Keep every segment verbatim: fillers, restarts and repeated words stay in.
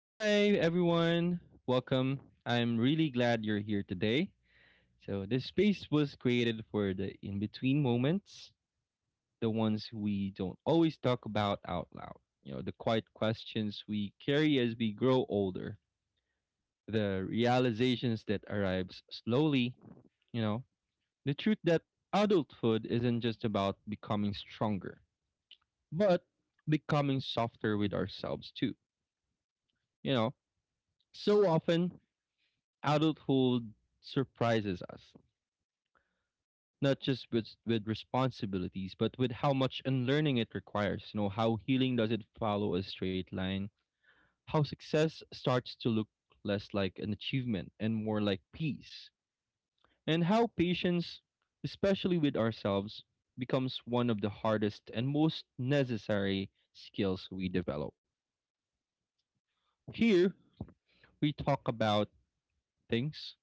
Hi, everyone. Welcome. I'm really glad you're here today. So, this space was created for the in between moments, the ones we don't always talk about out loud, you know, the quiet questions we carry as we grow older, the realizations that arrives slowly, you know, the truth that adulthood isn't just about becoming stronger, but becoming softer with ourselves too, you know. So often adulthood surprises us not just with with responsibilities, but with how much unlearning it requires. You know, how healing doesn't follow a straight line, how success starts to look less like an achievement and more like peace, and how patience, especially with ourselves, becomes one of the hardest and most necessary skills we develop. Here we talk about things: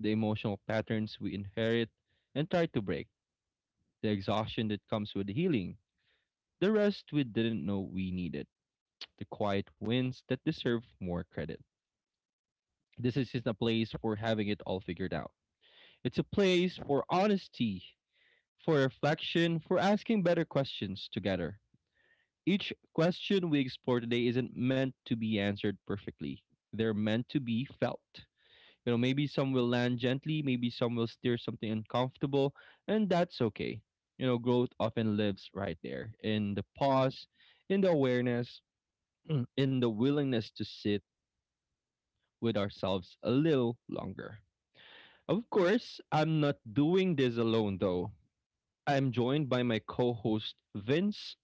the emotional patterns we inherit and try to break, the exhaustion that comes with healing, the rest we didn't know we needed, the quiet wins that deserve more credit. This isn't a place for having it all figured out. It's a place for honesty, for reflection, for asking better questions together. Each question we explore today isn't meant to be answered perfectly. They're meant to be felt. You know, maybe some will land gently, maybe some will steer something uncomfortable, and that's okay. You know, growth often lives right there in the pause, in the awareness, in the willingness to sit with ourselves a little longer. Of course, I'm not doing this alone though. I'm joined by my co host Vince,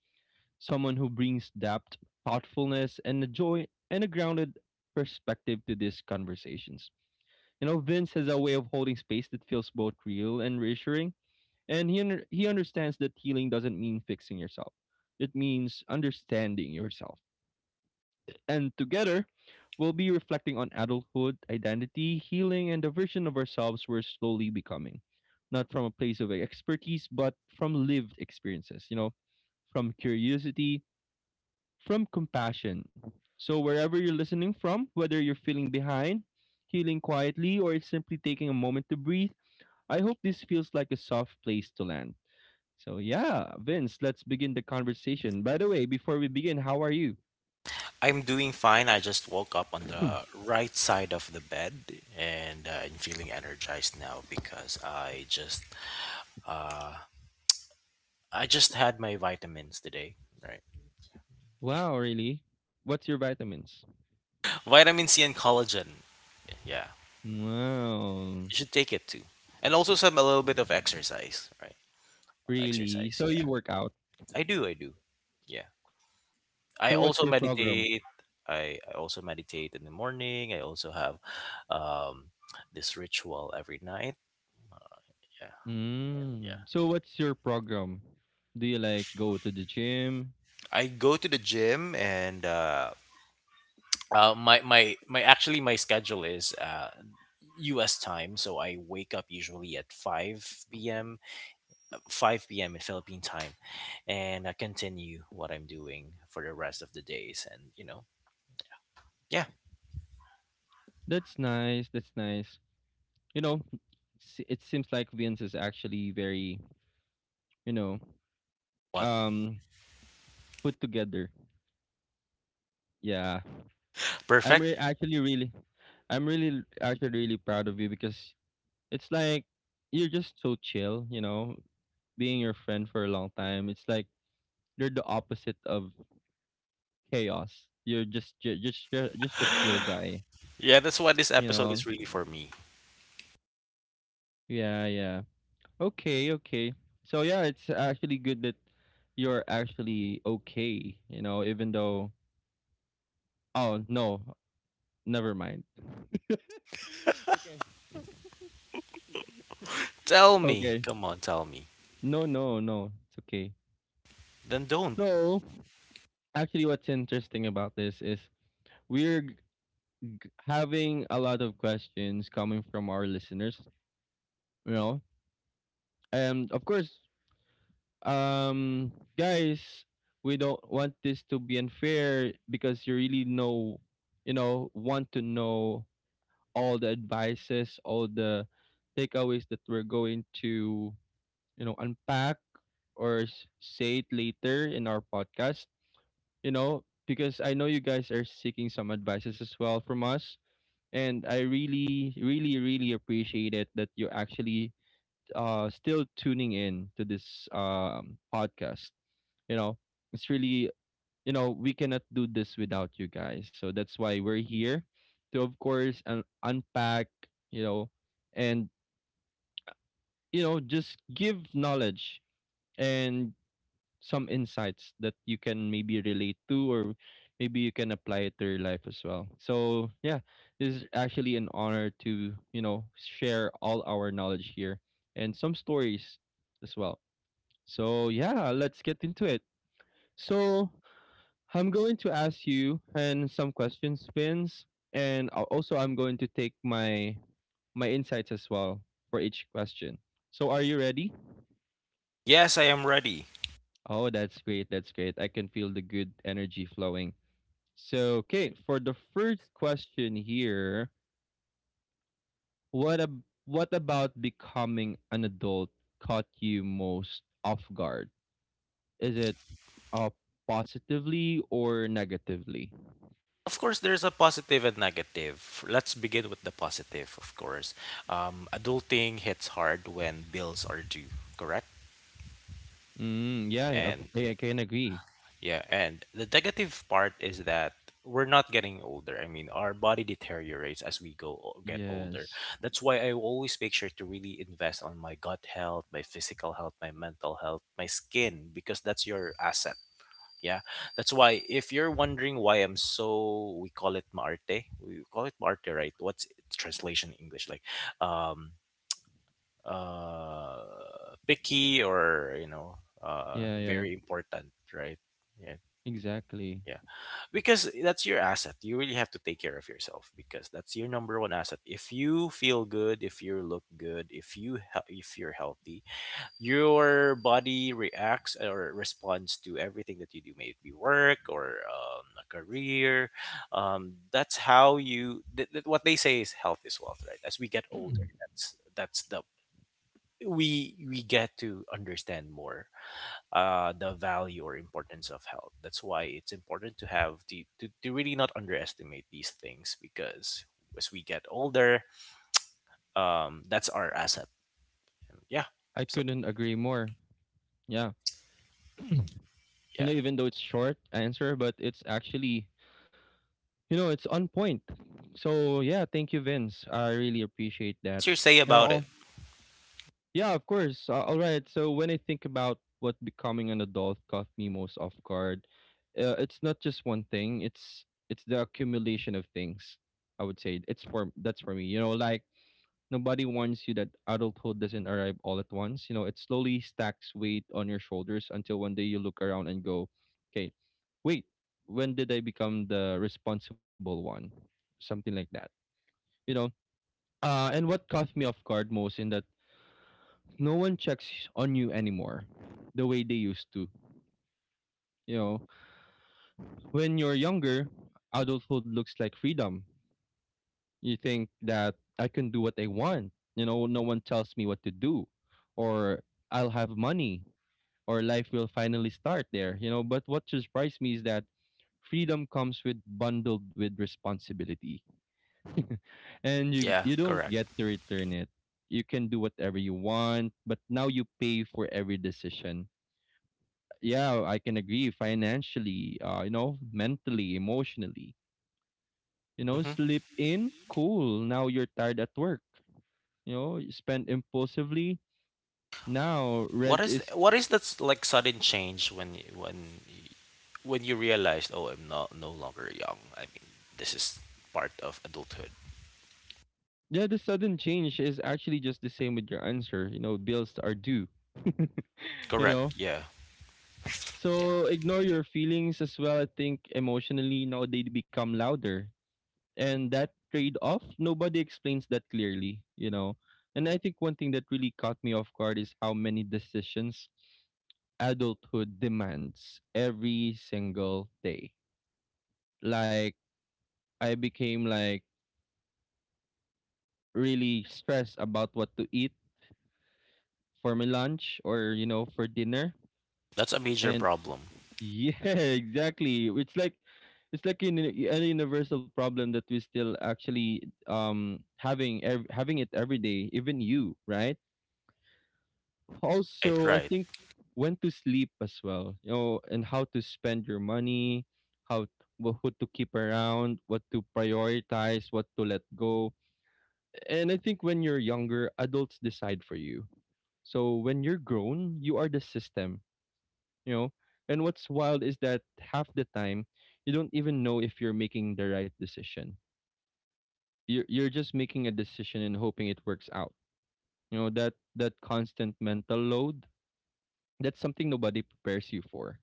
someone who brings depth, thoughtfulness, and a joy and a grounded perspective to these conversations. You know, Vince has a way of holding space that feels both real and reassuring, and he under- he understands that healing doesn't mean fixing yourself. It means understanding yourself. And together, we'll be reflecting on adulthood, identity, healing, and the version of ourselves we're slowly becoming. Not from a place of expertise, but from lived experiences, you know, from curiosity, from compassion. So, wherever you're listening from, whether you're feeling behind, healing quietly, or simply taking a moment to breathe, I hope this feels like a soft place to land. So, yeah, Vince, let's begin the conversation. By the way, before we begin, how are you? I'm doing fine. I just woke up on the right side of the bed and uh, I'm feeling energized now because I just uh, I just had my vitamins today, right? Wow, really? What's your vitamins? Vitamin C and collagen. Yeah. Wow, You should take it too. And also some a little bit of exercise, right? really? Exercise, So, yeah. you work out. I do, I do. Yeah. I So, what's also your program? meditate. I, I also meditate in the morning. I also have um, this ritual every night. Yeah. Yeah. Mm. So, what's your program? Do you like go to the gym? I go to the gym and uh, uh, my my my actually my schedule is uh, U S time, so I wake up usually at five p.m., uh, five p.m. in Philippine time, and I continue what I'm doing for the rest of the days, and you know, yeah, That's nice. That's nice. You know, s- it seems like Vince is actually very, you know, what um, put together. Yeah. I'm re- perfect. actually really, I'm really actually really proud of you, because it's like you're just so chill, you know. Being your friend for a long time, it's like you're the opposite of chaos. You're just ju- just ju- just a chill guy, Yeah, that's what this you episode know. is really for me. Yeah, yeah. Okay, okay. So yeah, it's actually good that you're actually okay, you know, even though oh, no, never mind. Okay. Tell me, Okay. come on, tell me. No, no, no. It's okay. Then don't. So, actually, what's interesting about this is we're g- having a lot of questions coming from our listeners, you know. And of course, um, guys, we don't want this to be unfair, because you really know, you know, want to know all the advices, all the takeaways that we're going to, you know, unpack or s- say it later in our podcast, you know, because I know you guys are seeking some advices as well from us, and I really, really, really appreciate it that you're actually uh still tuning in to this um podcast. You know, it's really, you know, we cannot do this without you guys. So that's why we're here to, of course, un- unpack. You know, and, you know, just give knowledge and some insights that you can maybe relate to, or maybe you can apply it to your life as well. So yeah, this is actually an honor to, you know, share all our knowledge here and some stories as well. So yeah, let's get into it. So I'm going to ask you and some questions, Vince, and al- also I'm going to take my my insights as well for each question. So are you ready? Yes, I am ready. Oh, that's great. That's great. I can feel the good energy flowing. So, okay, for the first question here, what ab- what about becoming an adult caught you most off guard? Is it uh, positively or negatively? Of course, there's a positive and negative. Let's begin with the positive, of course. Um, adulting hits hard when bills are due, correct? Mm, yeah, of- And yeah, I can agree. yeah, and the negative part is that we're not getting older. I mean, our body deteriorates as we go o- get older. Yes. That's why I always make sure to really invest on my gut health, my physical health, my mental health, my skin, because that's your asset. Yeah, that's why if you're wondering why I'm so, we call it maarte, we call it maarte, right? What's its translation in English like? Um, uh, Picky, or you know, uh, Yeah, yeah. very important, right? Yeah, Exactly. yeah. Because that's your asset. You really have to take care of yourself because that's your number one asset. If you feel good, if you look good, if you he- if you're healthy, your body reacts or responds to everything that you do, maybe work or um, a career. Um, that's how you. Th- th- what they say is health is wealth, right? As we get older, that's that's the we we get to understand more uh, the value or importance of health. That's why it's important to have to, to to really not underestimate these things because as we get older, um, that's our asset. Yeah. I So couldn't agree more. Yeah. You yeah. know, even though it's short answer, but it's actually, you know, it's on point. So, yeah, thank you, Vince. I really appreciate that. What's your say You know, about it? all. Yeah, of course. Uh, all right. So when I think about what becoming an adult caught me most off guard, uh, it's not just one thing. It's it's the accumulation of things. I would say it's for that's for me. You know, like, nobody warns you that adulthood doesn't arrive all at once. You know, it slowly stacks weight on your shoulders until one day you look around and go, "Okay, wait, when did I become the responsible one?" Something like that. You know. Uh, and what caught me off guard most in that no one checks on you anymore the way they used to. You know, when you're younger, adulthood looks like freedom. You think that I can do what I want. You know, no one tells me what to do, or I'll have money, or life will finally start there. You know, but what surprised me is that freedom comes with bundled with responsibility, and you Yeah, you don't correct. get to return it. You can do whatever you want, but now you pay for every decision. Yeah, I can agree. Financially, uh, you know, mentally, emotionally, you know, Mhm. sleep in cool, now you're tired at work, you know, you spend impulsively, now What rent is is. what is that s- like sudden change when you, when y- when you realized, oh, I'm not no longer young. I mean this is part of adulthood. Yeah, the sudden change is actually just the same with your answer. You know, bills are due. You Correct. know, Yeah. Yeah. so ignore your feelings as well. I think emotionally now they become louder, and that trade-off, nobody explains that clearly, you know. And I think one thing that really caught me off guard is how many decisions adulthood demands every single day. Like, I became like really stressed about what to eat for my lunch, or you know, for dinner. That's a major And problem. yeah, exactly, it's like, it's like an, a universal problem that we still actually um having ev- having it every day, even you, right? Right. Also, I Right. think when to sleep as well, you know, and how to spend your money, how, wh- who to keep around, what to prioritize, what to let go. And I think when you're younger, adults decide for you. So when you're grown, you are the system, you know. And what's wild is that half the time, you don't even know if you're making the right decision. You're you're just making a decision and hoping it works out. You know, that that constant mental load, that's something nobody prepares you for.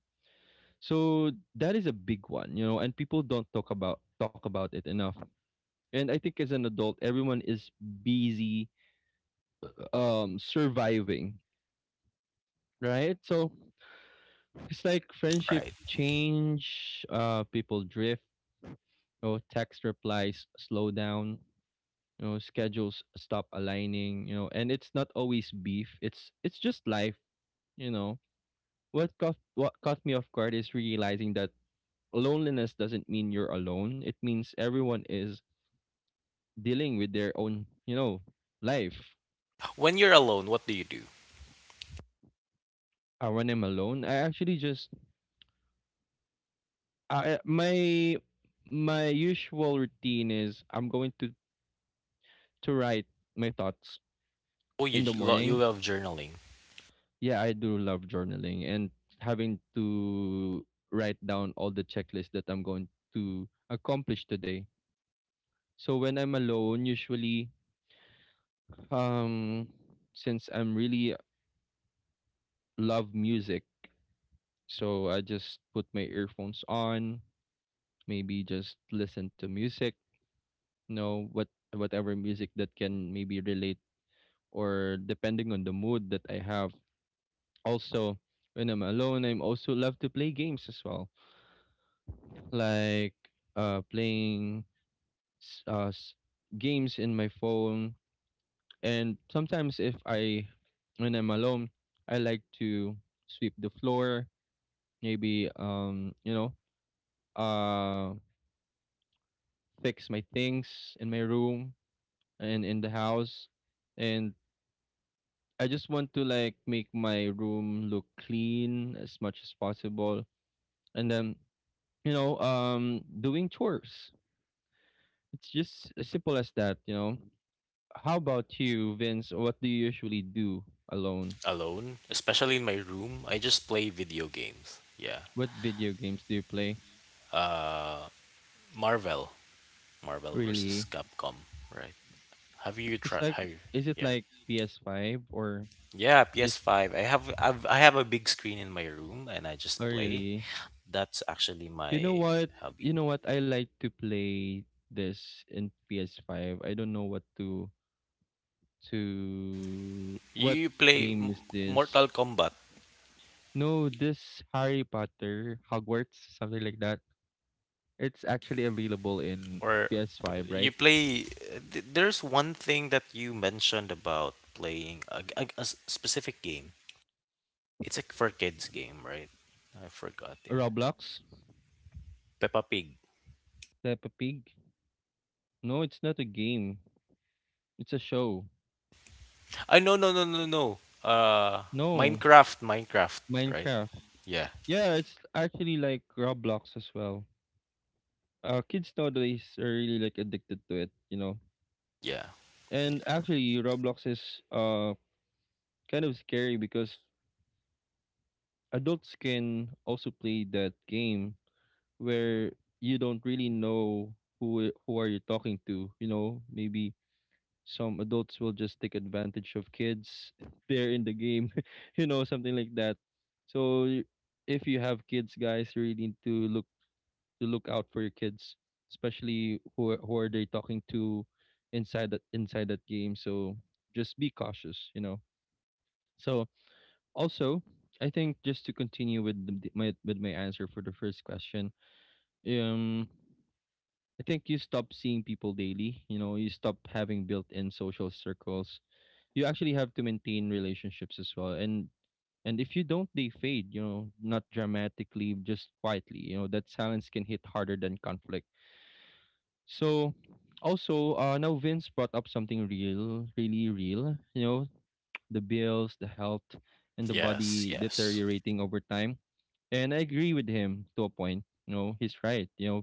So that is a big one, you know, and people don't talk about talk about it enough. And I think as an adult, everyone is busy um surviving, right? So it's like friendship Right. change, uh, people drift, you know, text replies slow down, you know, schedules stop aligning, you know, and it's not always beef. It's it's just life, you know. What caught what caught me off guard is realizing that loneliness doesn't mean you're alone. It means everyone is dealing with their own, you know, life. When you're alone, what do you do? Uh, when I'm alone, I actually just, I, my my usual routine is I'm going to to write my thoughts Oh, in you the j- lo- you morning. love journaling. Yeah, I do love journaling, and having to write down all the checklists that I'm going to accomplish today. So when I'm alone, usually, um since I'm really love music, so I just put my earphones on, maybe just listen to music, you know, what whatever music that can maybe relate, or depending on the mood that I have. Also, when I'm alone, I'm also love to play games as well. Like, uh, playing s- uh s- games in my phone. And sometimes if I, when I'm alone, I like to sweep the floor, maybe um, you know, uh, fix my things in my room and in the house, and I just want to like make my room look clean as much as possible. And then, you know, um doing chores. It's just as simple as that, you know. How about you, Vince? What do you usually do alone? Alone, especially in my room. I just play video games. Yeah. What video games do you play? Uh, Marvel, Marvel versus Really? Capcom. Right. Have you It's tried? like, Have you? is it Yeah. like P S five, or Yeah, just? P S five. I have I've, I have a big screen in my room and I Oh, just play. really. That's actually You know my what? hobby. You know what? I like to play this in P S five. I don't know what to to You, what you play game M- is this. Mortal Kombat, No, this Harry Potter Hogwarts, something like that. It's actually available in or p- P S five, right? you play th- there's one thing that you mentioned about playing a, g- a- a s- specific game. It's a for kids game, right? I forgot, yeah. Roblox, Peppa Pig. Peppa Pig. No, it's not a game. It's a show. I no no no no no. Uh No, Minecraft, Minecraft, right? Minecraft. Yeah. Yeah, it's actually like Roblox as well. Uh, kids nowadays are really like addicted to it, you know Yeah. And actually, Roblox is uh kind of scary because adults can also play that game where you don't really know who who are you talking to. You know, maybe some adults will just take advantage of kids there in the game. You know, something like that. So y- if you have kids, guys, you really need to look to look out for your kids, especially who are- who are they talking to inside that inside that game. So just be cautious. You know. So also, I think just to continue with the, my with my answer for the first question, um, I think you stop seeing people daily. You know, you stop having built-in social circles. You actually have to maintain relationships as well, and and if you don't, they fade. You know, not dramatically, just quietly. You know, that silence can hit harder than conflict. So, also, uh, now Vince brought up something real, really real. You know, the bills, the health, and the Yes, body yes. deteriorating over time. And I agree with him to a point. You know, he's right. You know,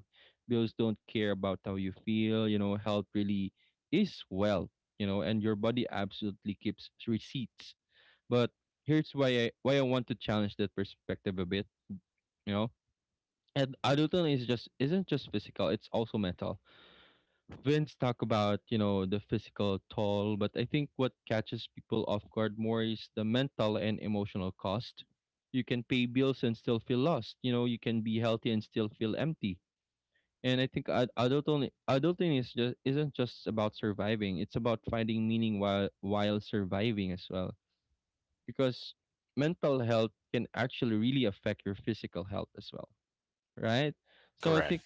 bills don't care about how you feel. You know, health really is wealth. You know, and your body absolutely keeps receipts. But here's why I why I want to challenge that perspective a bit. You know, and adulting is just isn't just physical; it's also mental. Vince talk about, you know, the physical toll, but I think what catches people off guard more is the mental and emotional cost. You can pay bills and still feel lost. You know, you can be healthy and still feel empty. And I think ad- adult only, adulting is just isn't just about surviving. It's about finding meaning while while surviving as well. Because mental health can actually really affect your physical health as well, right? So I Correct. think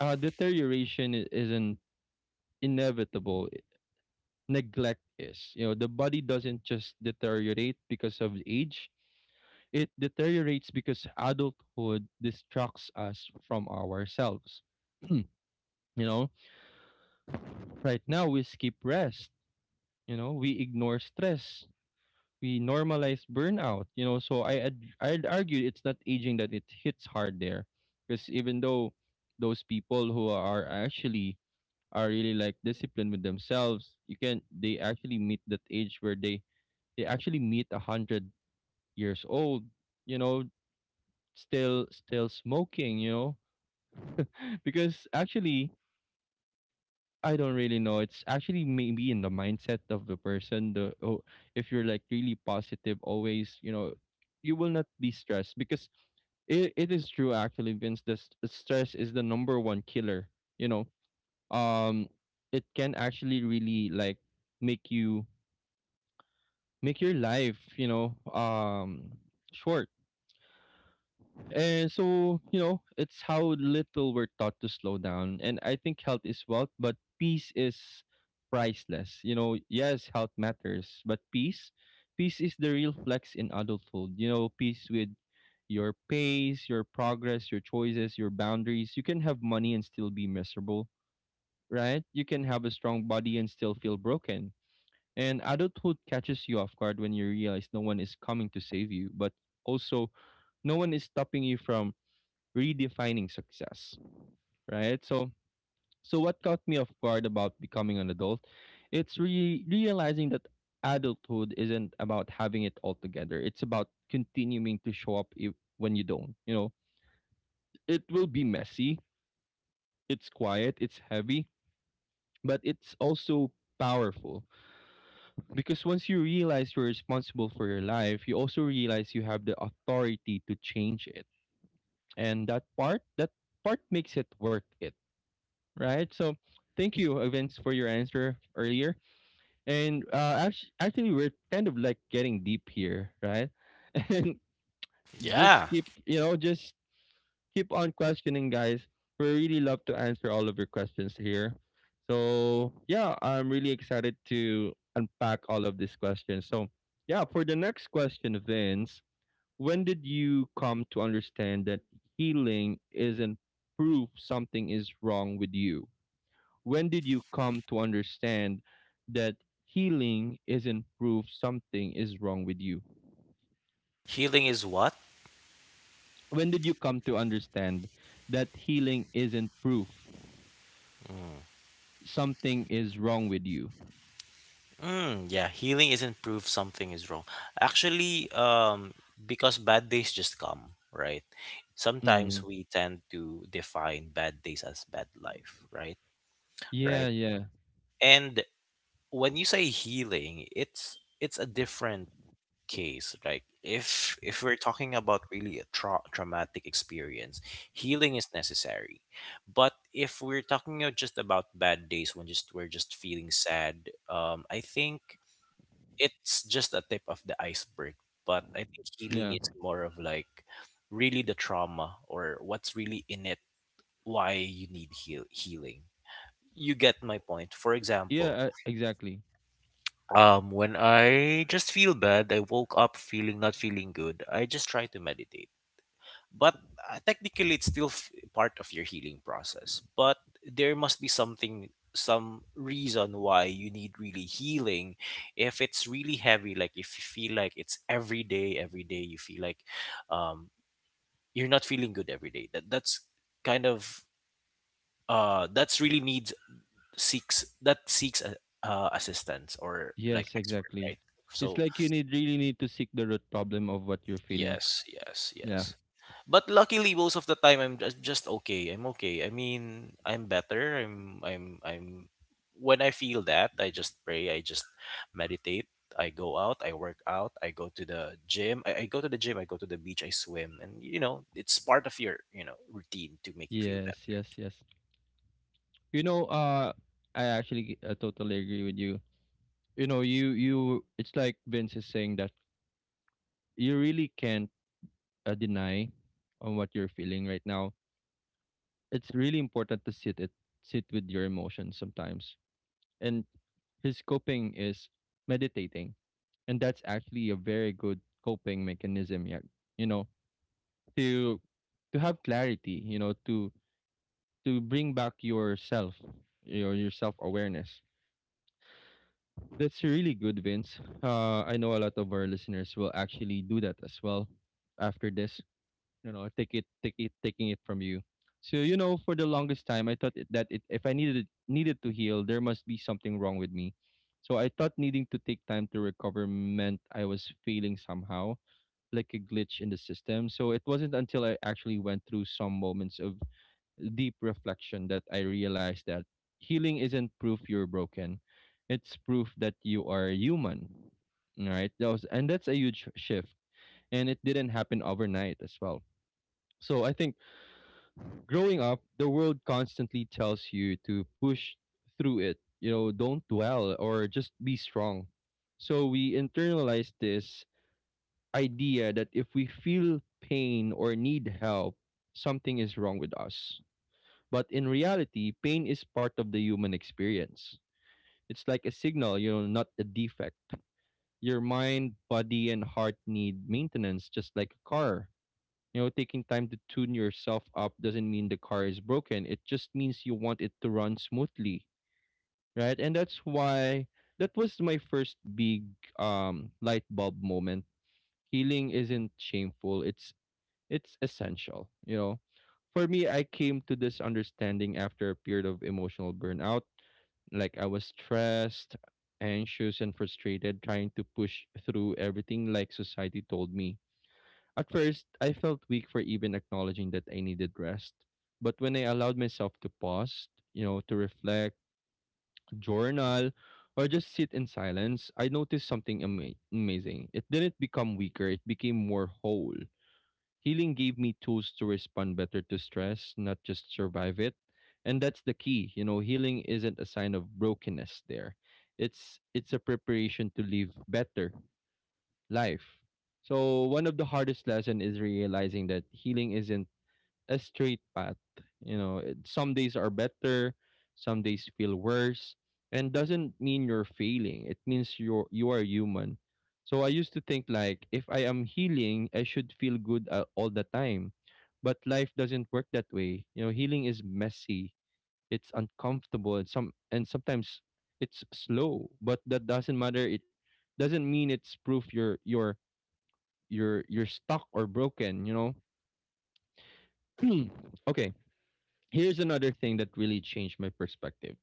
uh, deterioration i- isn't inevitable, neglect is. You know, the body doesn't just deteriorate because of age, it deteriorates because adulthood distracts us from ourselves. You know, right now we skip rest, you know, we ignore stress, we normalize burnout, you know. So I I'd, I'd argue it's not aging that it hits hard there because even though those people who are actually are really like disciplined with themselves, you can they actually meet that age where they they actually meet one hundred years old, you know, still still smoking, you know? Because actually I don't really know. It's actually maybe in the mindset of the person. The oh, if you're like really positive, always, you know, you will not be stressed because it, it is true actually, Vince. The s- stress is the number one killer. You know, um, it can actually really like make you make your life, you know, um, short. And so, you know, it's how little we're taught to slow down. And I think health is wealth, but peace is priceless. You know, yes, health matters, but peace, peace is the real flex in adulthood. You know, peace with your pace, your progress, your choices, your boundaries. You can have money and still be miserable, right? You can have a strong body and still feel broken. And adulthood catches you off guard when you realize no one is coming to save you, but also no one is stopping you from redefining success, right? So so what caught me off guard about becoming an adult, it's re- realizing that adulthood isn't about having it all together. It's about continuing to show up if, when you don't. You know, it will be messy, it's quiet, it's heavy, but it's also powerful because once you realize you're responsible for your life, you also realize you have the authority to change it. And that part, that part makes it worth it, right? So thank you, uh, Vince, for your answer earlier. And uh, actually, actually, we're kind of like getting deep here, right? And just Yeah. keep, you know, just keep on questioning, guys. We really love to answer all of your questions here. So yeah, I'm really excited to unpack all of these questions. So yeah, for the next question, Vince, when did you come to understand that healing isn't proof something is wrong with you? When did you come to understand that healing isn't proof something is wrong with you? Healing is what? When did you come to understand that healing isn't proof something is wrong with you? Mm, yeah, healing isn't proof something is wrong. Actually, um, because bad days just come, right? Mm. Sometimes we tend to define bad days as bad life, right? Yeah, Right. yeah, And when you say healing, it's it's a different case. Like if if we're talking about really a tra- traumatic experience, healing is necessary. But if we're talking uh, just about bad days when just we're just feeling sad, um, I think it's just a tip of the iceberg. But I think healing yeah. is more of like really the trauma or what's really in it, why you need heal- healing. You get my point. For Yeah, example, uh, exactly. um, when I just feel bad, I woke up feeling not feeling good. I just try to meditate, but uh, technically it's still f- part of your healing process, but there must be something, some reason why you need really healing if it's really heavy, like if you feel like it's every day, every day you feel like, um, you're not feeling good every day, that that's kind of, uh, that's really needs, seeks that seeks a, uh, assistance or like Yes, expert, exactly. right? It's So like you need really need to seek the root problem of what you're feeling. yes, yes, yes. Yeah. But luckily most of the time I'm just just okay. I'm okay. I mean, I'm better. I'm I'm I'm When I feel that, I just pray, I just meditate, I go out, I work out, I go to the gym. I, I go to the gym, I go to the beach, I swim. And you know, it's part of your, you know, routine to make you feel Yes, better. yes, yes. You know, uh I actually uh, totally agree with you. You know, you you it's like Vince is saying that you really can't uh, deny on what you're feeling right now. It's really important to sit it sit with your emotions sometimes. And his coping is meditating, and that's actually a very good coping mechanism. Yeah, you know to to have clarity. You know to to bring back yourself, your your self awareness. That's really good, Vince. Uh, I know a lot of our listeners will actually do that as well after this, you know, take it take it taking it from you. So you know, for the longest time I thought it, that it, if I needed needed to heal, there must be something wrong with me. So I thought needing to take time to recover meant I was failing somehow, like a glitch in the system. So it wasn't until I actually went through some moments of deep reflection that I realized that healing isn't proof you're broken, it's proof that you are human. All right, that was and that's a huge shift, and it didn't happen overnight as well. So I think growing up, the world constantly tells you to push through it. You know, don't dwell or just be strong. So we internalize this idea that if we feel pain or need help, something is wrong with us. But in reality, pain is part of the human experience. It's like a signal, you know, not a defect. Your mind, body, and heart need maintenance just like a car. You know, taking time to tune yourself up doesn't mean the car is broken. It just means you want it to run smoothly, right? And that's why that was my first big um light bulb moment. Healing isn't shameful. It's it's essential, you know. For me, I came to this understanding after a period of emotional burnout. Like I was stressed, anxious, and frustrated trying to push through everything like society told me. At first, I felt weak for even acknowledging that I needed rest. But when I allowed myself to pause, you know, to reflect, journal, or just sit in silence, I noticed something ama- amazing. It didn't become weaker, it became more whole. Healing gave me tools to respond better to stress, not just survive it. And that's the key. You know, healing isn't a sign of brokenness there. It's it's a preparation to live better life. So one of the hardest lesson is realizing that healing isn't a straight path. You know, it, some days are better, some days feel worse, and doesn't mean you're failing. It means you're you are human. So I used to think like if I am healing, I should feel good uh, all the time. But life doesn't work that way. You know, healing is messy. It's uncomfortable. And some and sometimes it's slow, but that doesn't matter. It doesn't mean it's proof you're you're you're you're stuck or broken, you know. Okay, here's another thing that really changed my perspective.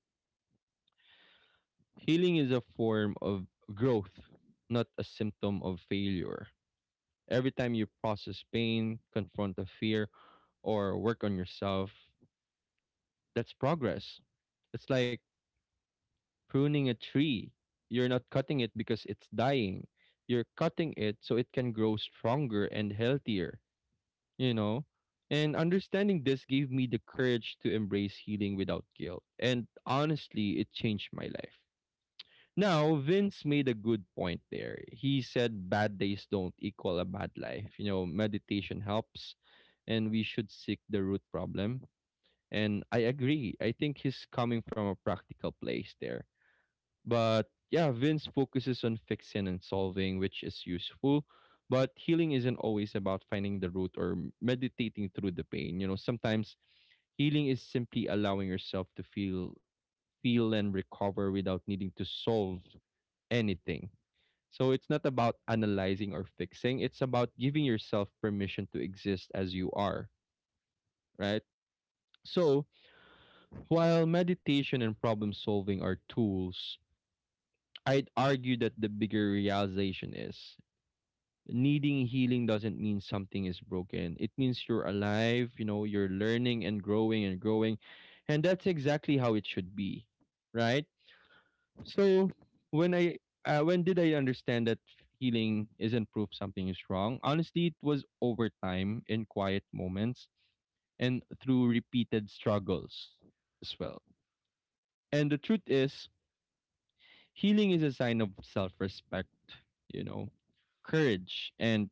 Healing is a form of growth, not a symptom of failure. Every time you process pain, confront a fear, or work on yourself, that's progress. It's like pruning a tree. You're not cutting it because it's dying, you're cutting it so it can grow stronger and healthier, you know? And understanding this gave me the courage to embrace healing without guilt. And honestly, it changed my life. Now, Vince made a good point there. He said bad days don't equal a bad life. You know, meditation helps and we should seek the root problem. And I agree. I think he's coming from a practical place there. But yeah, Vince focuses on fixing and solving, which is useful. But healing isn't always about finding the root or m- meditating through the pain. You know, sometimes healing is simply allowing yourself to feel feel and recover without needing to solve anything. So it's not about analyzing or fixing, it's about giving yourself permission to exist as you are, right? So, while meditation and problem solving are tools, I'd argue that the bigger realization is needing healing doesn't mean something is broken. It means you're alive, you know, you're learning and growing and growing. And that's exactly how it should be, right? So when I uh, when did I understand that healing isn't proof something is wrong? Honestly, it was over time in quiet moments and through repeated struggles as well. And the truth is, healing is a sign of self-respect, you know, courage and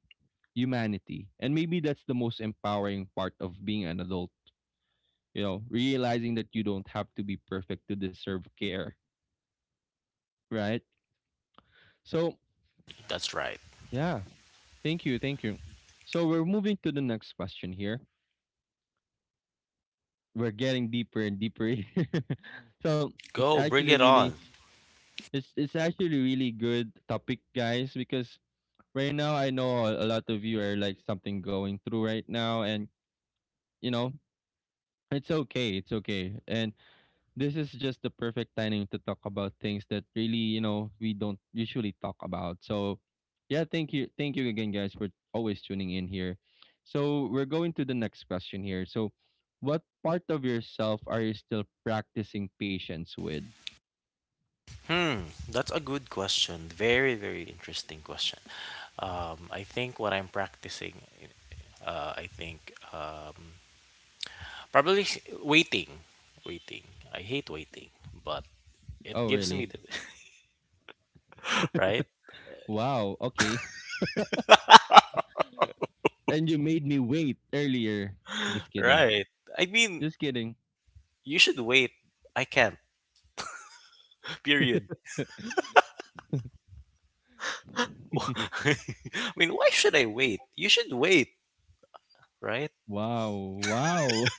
humanity. And maybe that's the most empowering part of being an adult, you know, realizing that you don't have to be perfect to deserve care, right? So, That's right. yeah, thank you, thank you. So, we're moving to the next question here. We're getting deeper and deeper. here. so, it's Go, bring actually it really on. it's it's actually really good topic, guys, because right now I know a a lot of you are like something going through right now and you know, it's okay, it's okay. And this is just the perfect timing to talk about things that really, you know, we don't usually talk about. So, yeah, thank you. Thank you again, guys, for always tuning in here. So, we're going to the next question here. So, what part of yourself are you still practicing patience with? Hmm, that's a good question. Very, very interesting question. Um, I think what I'm practicing, uh, I think Um. Probably waiting. Waiting. I hate waiting, but it Oh, gives me really? the right? Wow. Okay. And you made me wait earlier. Just kidding. Right. I mean, Just kidding. you should wait. I can't. Period. I mean, why should I wait? You should wait, right? Wow. Wow.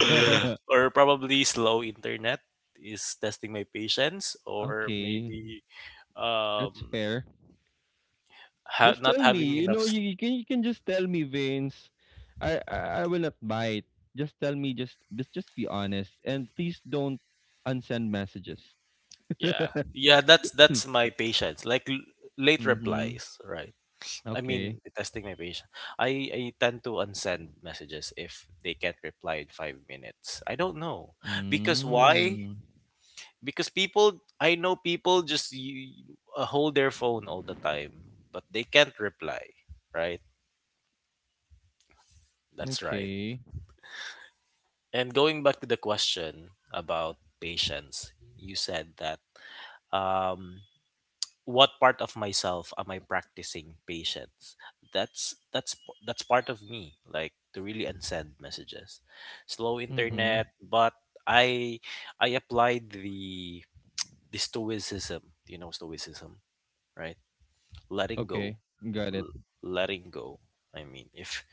Or probably slow internet is testing my patience, or Okay. maybe That's um fair. ha- Just not tell me. having You enough know, you, s- you can you can just tell me, Vince. I, I I will not bite. Just tell me, just just just be honest and please don't unsend messages. yeah. Mm-hmm. Yeah, that's that's my patience. Like l- late replies, right? I Okay. mean, testing my patience. I I tend to unsend messages if they can't reply in five minutes. I don't know because why? Mm. Because people, I know people just you, uh, hold their phone all the time, but they can't reply. Right? That's right. Okay. And going back to the question about patience, you said that um, what part of myself am I practicing patience? That's that's that's part of me, like to really unsend messages. Slow Mm-hmm. internet, but I I applied the the stoicism. Do you know stoicism, right? Letting Okay. go, Got it. l- letting go. I mean, if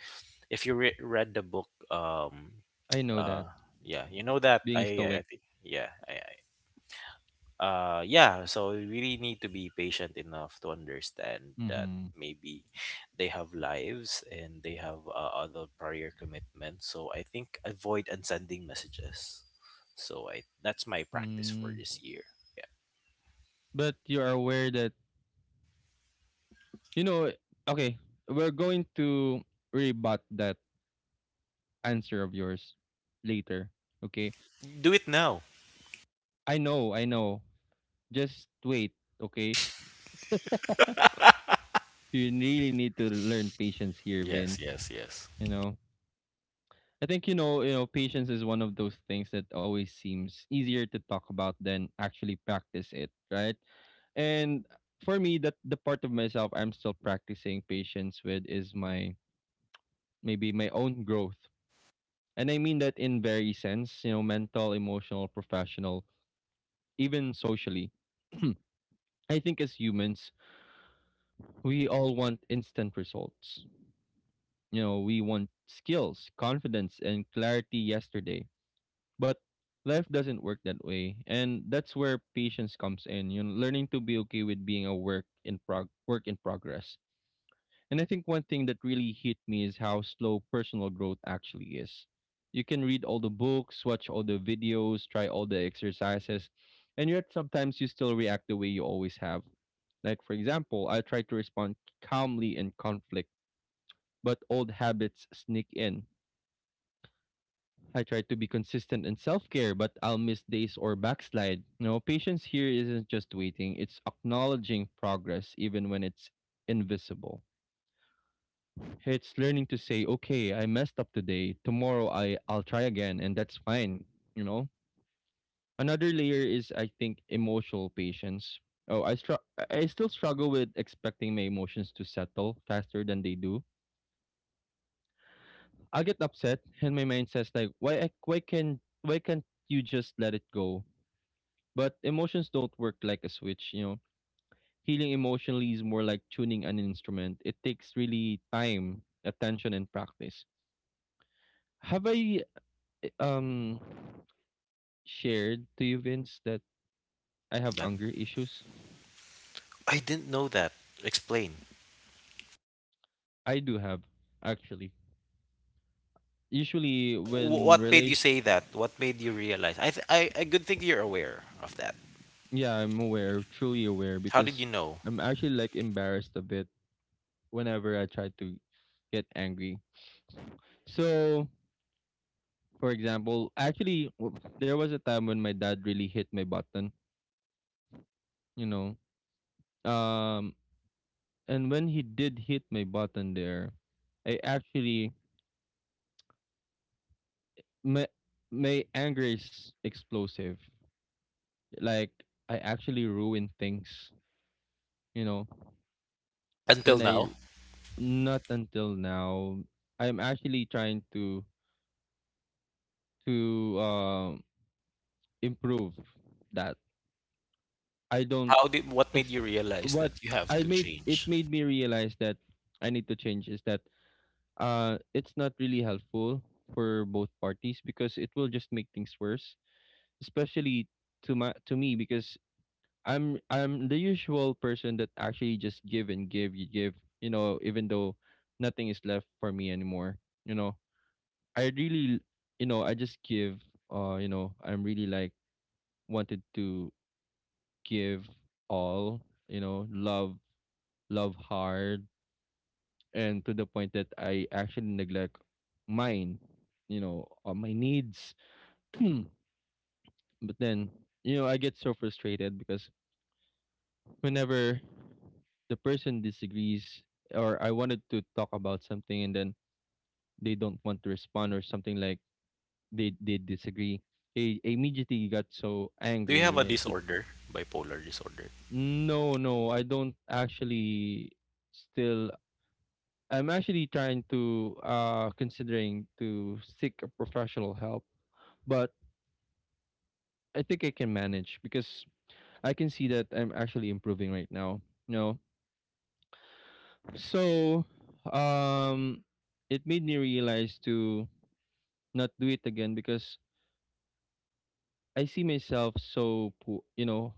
if you re- read the book, um, I know that. uh, yeah, you know that Being I I stoic. I think yeah, I, uh yeah, so we really need to be patient enough to understand that Mm-hmm. maybe they have lives and they have, uh, other prior commitments, so I think avoid unsending messages. So I that's my practice for Mm. this year. Yeah. But you are aware that, you know, okay, we're going to rebut that answer of yours later, okay? Do it now. I know i know, just wait, okay? You really need to learn patience here, Yes, Vince. yes, yes. You know, I think, you know, you know patience is one of those things that always seems easier to talk about than actually practice it, right? And for me, that the part of myself I'm still practicing patience with is my maybe my own growth. And I mean that in very sense, you know, mental, emotional, professional, even socially. I think, as humans, we all want instant results. You know, we want skills, confidence, and clarity yesterday. But life doesn't work that way. And that's where patience comes in. You know, learning to be okay with being a work in prog work in progress. And I think one thing that really hit me is how slow personal growth actually is. You can read all the books, watch all the videos, try all the exercises, and yet sometimes you still react the way you always have. Like, for example, I try to respond calmly in conflict, but old habits sneak in. I try to be consistent in self care, but I'll miss days or backslide. You know, patience here isn't just waiting, it's acknowledging progress even when it's invisible. It's learning to say, okay, I messed up today. Tomorrow I I'll try again, and that's fine. You know. Another layer is, I think, emotional patience. Oh, I str- I still struggle with expecting my emotions to settle faster than they do. I get upset, and my mind says like, why I- why can why can't you just let it go? But emotions don't work like a switch. You know, healing emotionally is more like tuning an instrument. It takes really time, attention, and practice. Have I um shared to you, Vince, that I have That, anger issues? I didn't know that. Explain. I do have, actually. Usually, Wh- when What made you say relation, that? What made you realize? I th- i i good think you're aware of that. yeah, I'm aware, truly aware, How did because you know? I'm actually like embarrassed a bit whenever I try to get angry. So, for example, actually, w- there was a time when my dad really hit my button, you know. Um, and when he did hit my button there, I actually my my anger is explosive. Like, I actually ruin things, you know. Until When I now, not until now, I'm actually trying to to um improve that. I don't. how did, what made It's you realize what that you have I to made. It change? made me realize that I need to change. Is that, uh, it's not really helpful for both parties because it will just make things worse, especially to my to me because I'm I'm the usual person that actually just give and give you give, you know, even though nothing is left for me anymore, you know, I really, you know, I just give, uh you know, I'm really like wanted to give all, you know, love, love hard, and to the point that I actually neglect mine, you know, uh, my needs. But then, you know, I get so frustrated because whenever the person disagrees, or I wanted to talk about something and then they don't want to respond or something, like they they disagree, I immediately got so Do you have a angry. Eh, disorder? Bipolar disorder. no, no, I don't actually still I'm actually trying to, uh considering to seek a professional help, but I think I can manage because I can see that I'm actually improving right now. No. So, um, it made me realize to not do it again because I see myself so poor. You know,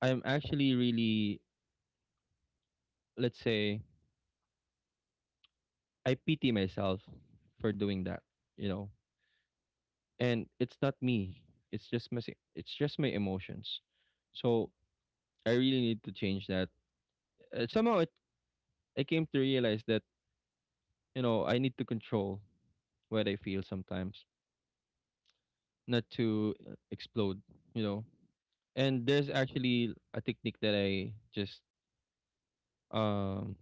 I'm actually really, let's say, I pity myself for doing that. You know, and it's not me. It's just my, si- it's just my emotions. So I really need to change that. Uh, somehow, it, I came to realize that, you know, I need to control what I feel sometimes. Not to uh, explode, you know. And there's actually a technique that I just um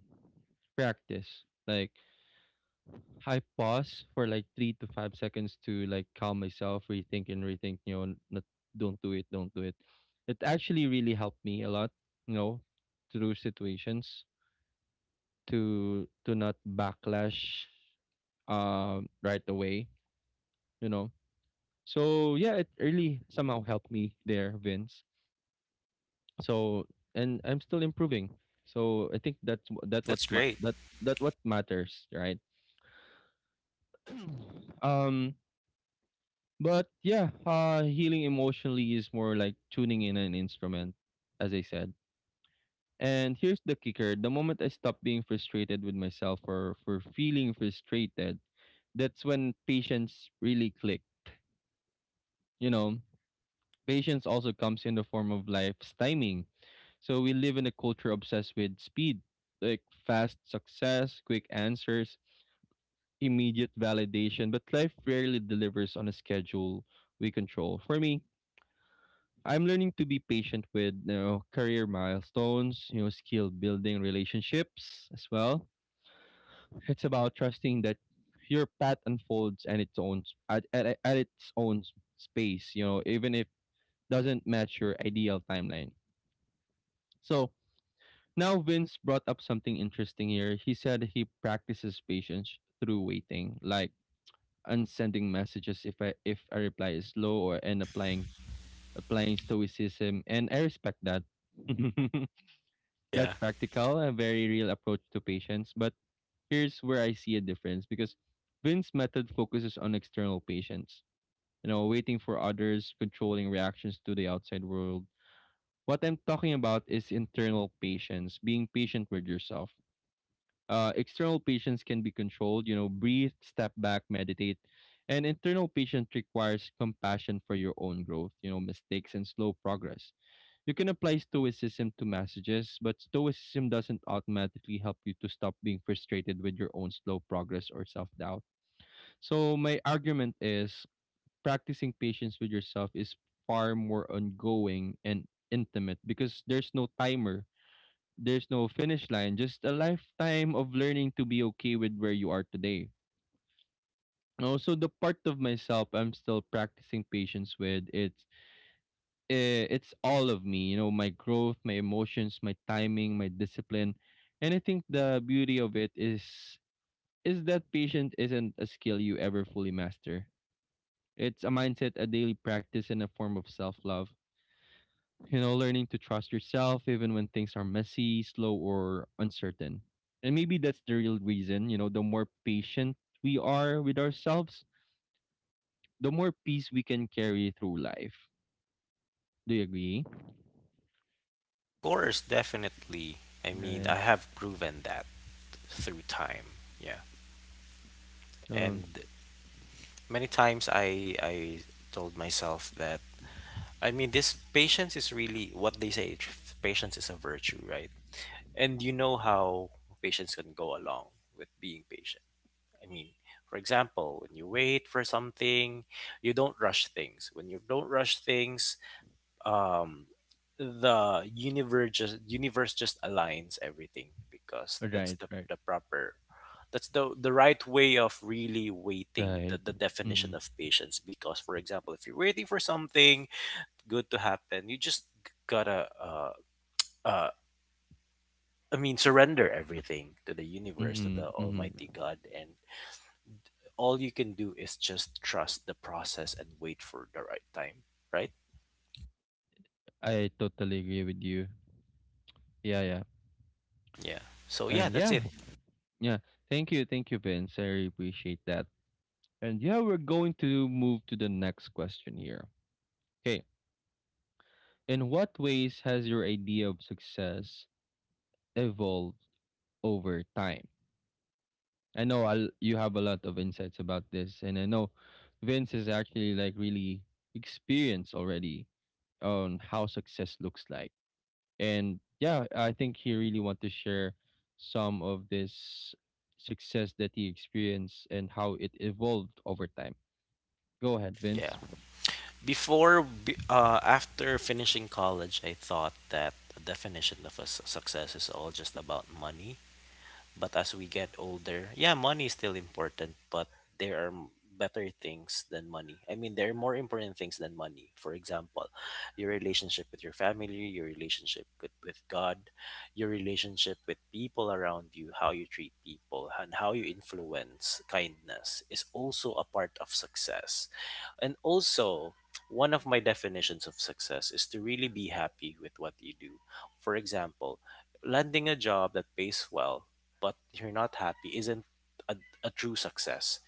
practice. Like, I pause for like three to five seconds to like calm myself, rethink and rethink, you know, n- not, don't do it, don't do it. It actually really helped me a lot, you know, through situations to to not backlash um right away, you know. So yeah, it really somehow helped me there, Vince. So, and I'm still improving, so I think that's wh- that what's That's ma- great. that that what matters, right? um but yeah, uh healing emotionally is more like tuning in an instrument, as I said. And here's the kicker: the moment I stop being frustrated with myself or for feeling frustrated, that's when patience really click, you know. Patience also comes in the form of life's timing. So we live in a culture obsessed with speed, like fast success, quick answers, immediate validation, but life rarely delivers on a schedule we control. For me, I'm learning to be patient with, you know, career milestones, you know, skill building, relationships as well. It's about trusting that your path unfolds and its own at, at, at its own space, you know, even if doesn't match your ideal timeline. So now, Vince brought up something interesting here. He said he practices patience through waiting, like unsending messages if I, if a reply is slow, or and applying applying stoicism. And I respect that. Yeah. That's practical, a very real approach to patience. But here's where I see a difference because Vince's method focuses on external patience. You know, waiting for others, controlling reactions to the outside world. What I'm talking about is internal patience, being patient with yourself. Uh, external patients can be controlled, you know, breathe, step back, meditate. And internal patient requires compassion for your own growth, you know, mistakes and slow progress. You can apply stoicism to messages, but stoicism doesn't automatically help you to stop being frustrated with your own slow progress or self doubt. So, my argument is practicing patience with yourself is far more ongoing and intimate because there's no timer, there's no finish line, just a lifetime of learning to be okay with where you are today. And also, the part of myself I'm still practicing patience with, it's eh, it's all of me. You know, my growth, my emotions, my timing, my discipline, and I think the beauty of it is is that patience isn't a skill you ever fully master. It's a mindset, a daily practice, and a form of self love. You know, learning to trust yourself even when things are messy, slow, or uncertain. And maybe that's the real reason, you know, the more patient we are with ourselves, the more peace we can carry through life. Do you agree? Of course, definitely. I mean, Right. I have proven that through time. Yeah. Um, And many times I I told myself that, I mean, this patience is really what they say, tr- patience is a virtue, right? And you know how patience can go along with being patient. I mean, for example, when you wait for something, you don't rush things. When you don't rush things, um, the universe just universe just aligns everything because that's right, the, right, the proper, that's the the right way of really waiting, the, right. the Mm-hmm. definition of patience. Because for example, if you're waiting for something good to happen, you just gotta uh, uh, I mean, surrender everything to the universe, to Mm-hmm. the Mm-hmm. almighty God, and all you can do is just trust the process and wait for the right time, right? I totally agree with you. Yeah, yeah. Yeah. So yeah, And that's yeah, it. yeah. Thank you, thank you, Vince. I really appreciate that. And yeah, we're going to move to the next question here. Okay. In what ways has your idea of success evolved over time? I know I'll, you have a lot of insights about this, and I know Vince is actually like really experienced already on how success looks like. And yeah, I think he really want to share some of this success that he experienced and how it evolved over time. Go ahead, Vince. Yeah. Before, b- uh, after finishing college, I thought that the definition of a s- success is all just about money. But as we get older, yeah, money is still important, but there are m- better things than money. I mean, there are more important things than money. For example, your relationship with your family, your relationship with, with God, your relationship with people around you, how you treat people, and how you influence kindness is also a part of success. And also, one of my definitions of success is to really be happy with what you do. For example, landing a job that pays well but you're not happy isn't a, a true success.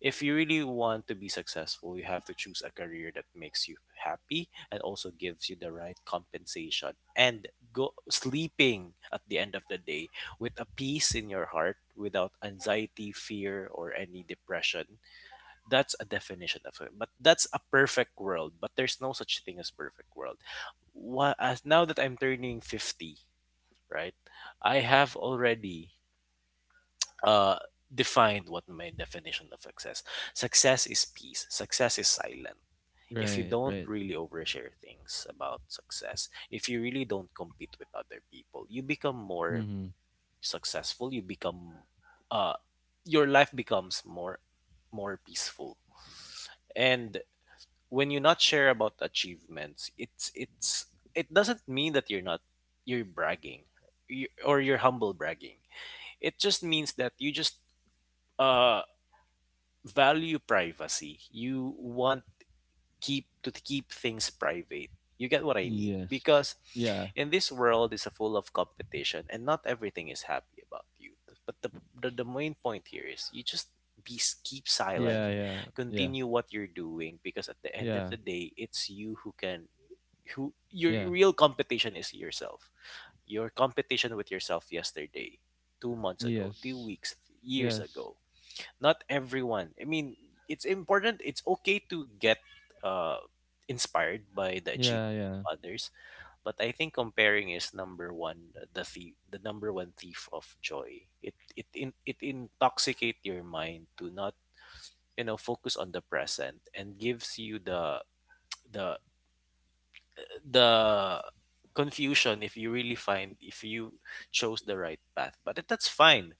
If you really want to be successful, you have to choose a career that makes you happy and also gives you the right compensation. And go sleeping at the end of the day with a peace in your heart without anxiety, fear, or any depression. That's a definition of it. But that's a perfect world. But there's no such thing as perfect world. What as now that I'm turning fifty, right? I have already, uh, defined what my definition of success. Success is peace. Success is silent. If you Right, don't right. really overshare things about success, if you really don't compete with other people, you become more Mm-hmm. successful. You become, uh, your life becomes more, more peaceful. And when you not share about achievements, it's it's it doesn't mean that you're not, you're bragging, you, or you're humble bragging. It just means that you just, uh value privacy. You want keep to keep things private. You get what I mean? Yes. Because Yeah. in this world is full of competition and not everything is happy about you. But the the, the main point here is you just be keep silent, Yeah. Yeah. Yeah. continue what you're doing because at the end of Yeah. the day it's you who can who Yeah. your real competition is yourself. Your competition with yourself yesterday, two months ago, two Yes. weeks, years Yes. ago not everyone. I mean, it's important. It's okay to get uh, inspired by the Yeah, achievement yeah. of others, but I think comparing is number one. The thief, the number one thief of joy. It it in, it intoxicate your mind to not you know focus on the present and gives you the the the confusion if you really find if you chose the right path. But that's fine.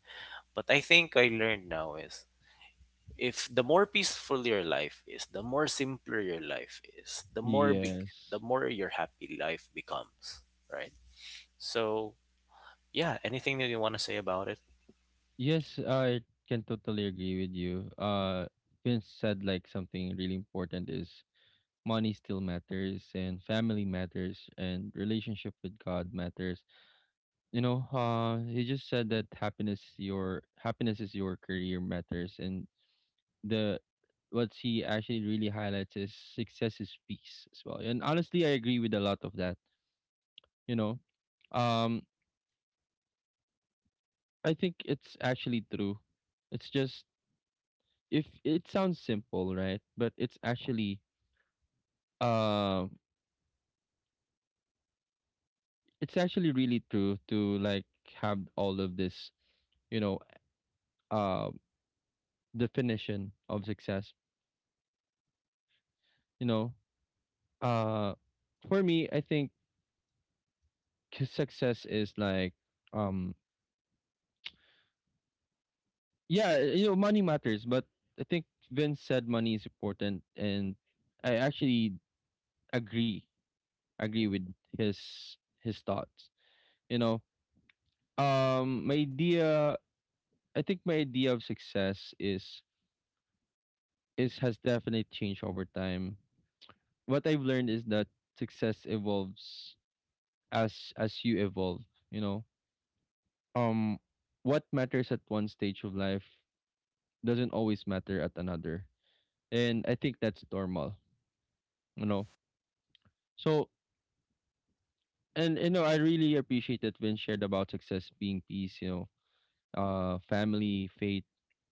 But I think I learned now is if the more peaceful your life is, the more simpler your life is, the more big, the Yes. more your happy life becomes, right? So yeah, anything that you want to say about it? Yes, I can totally agree with you. Uh Vince said like something really important is money still matters and family matters and relationship with God matters. You know, uh he just said that happiness your happiness is your career matters and the what he actually really highlights is success is peace as well. And honestly I agree with a lot of that, you know. Um I think it's actually true. It's just if it sounds simple, right? But it's actually uh, it's actually really true to like have all of this, you know, uh, definition of success. You know, uh, for me, I think success is like, um, yeah, you know, money matters, but I think Vince said money is important, and I actually agree agree with his his thoughts. You know, Um, my idea, I think my idea of success is is has definitely changed over time. What I've learned is that success evolves as as you evolve. You know, um, what matters at one stage of life doesn't always matter at another, and I think that's normal. You know, so and you know, I really appreciate that Vince shared about success being peace. You know, uh, family, faith,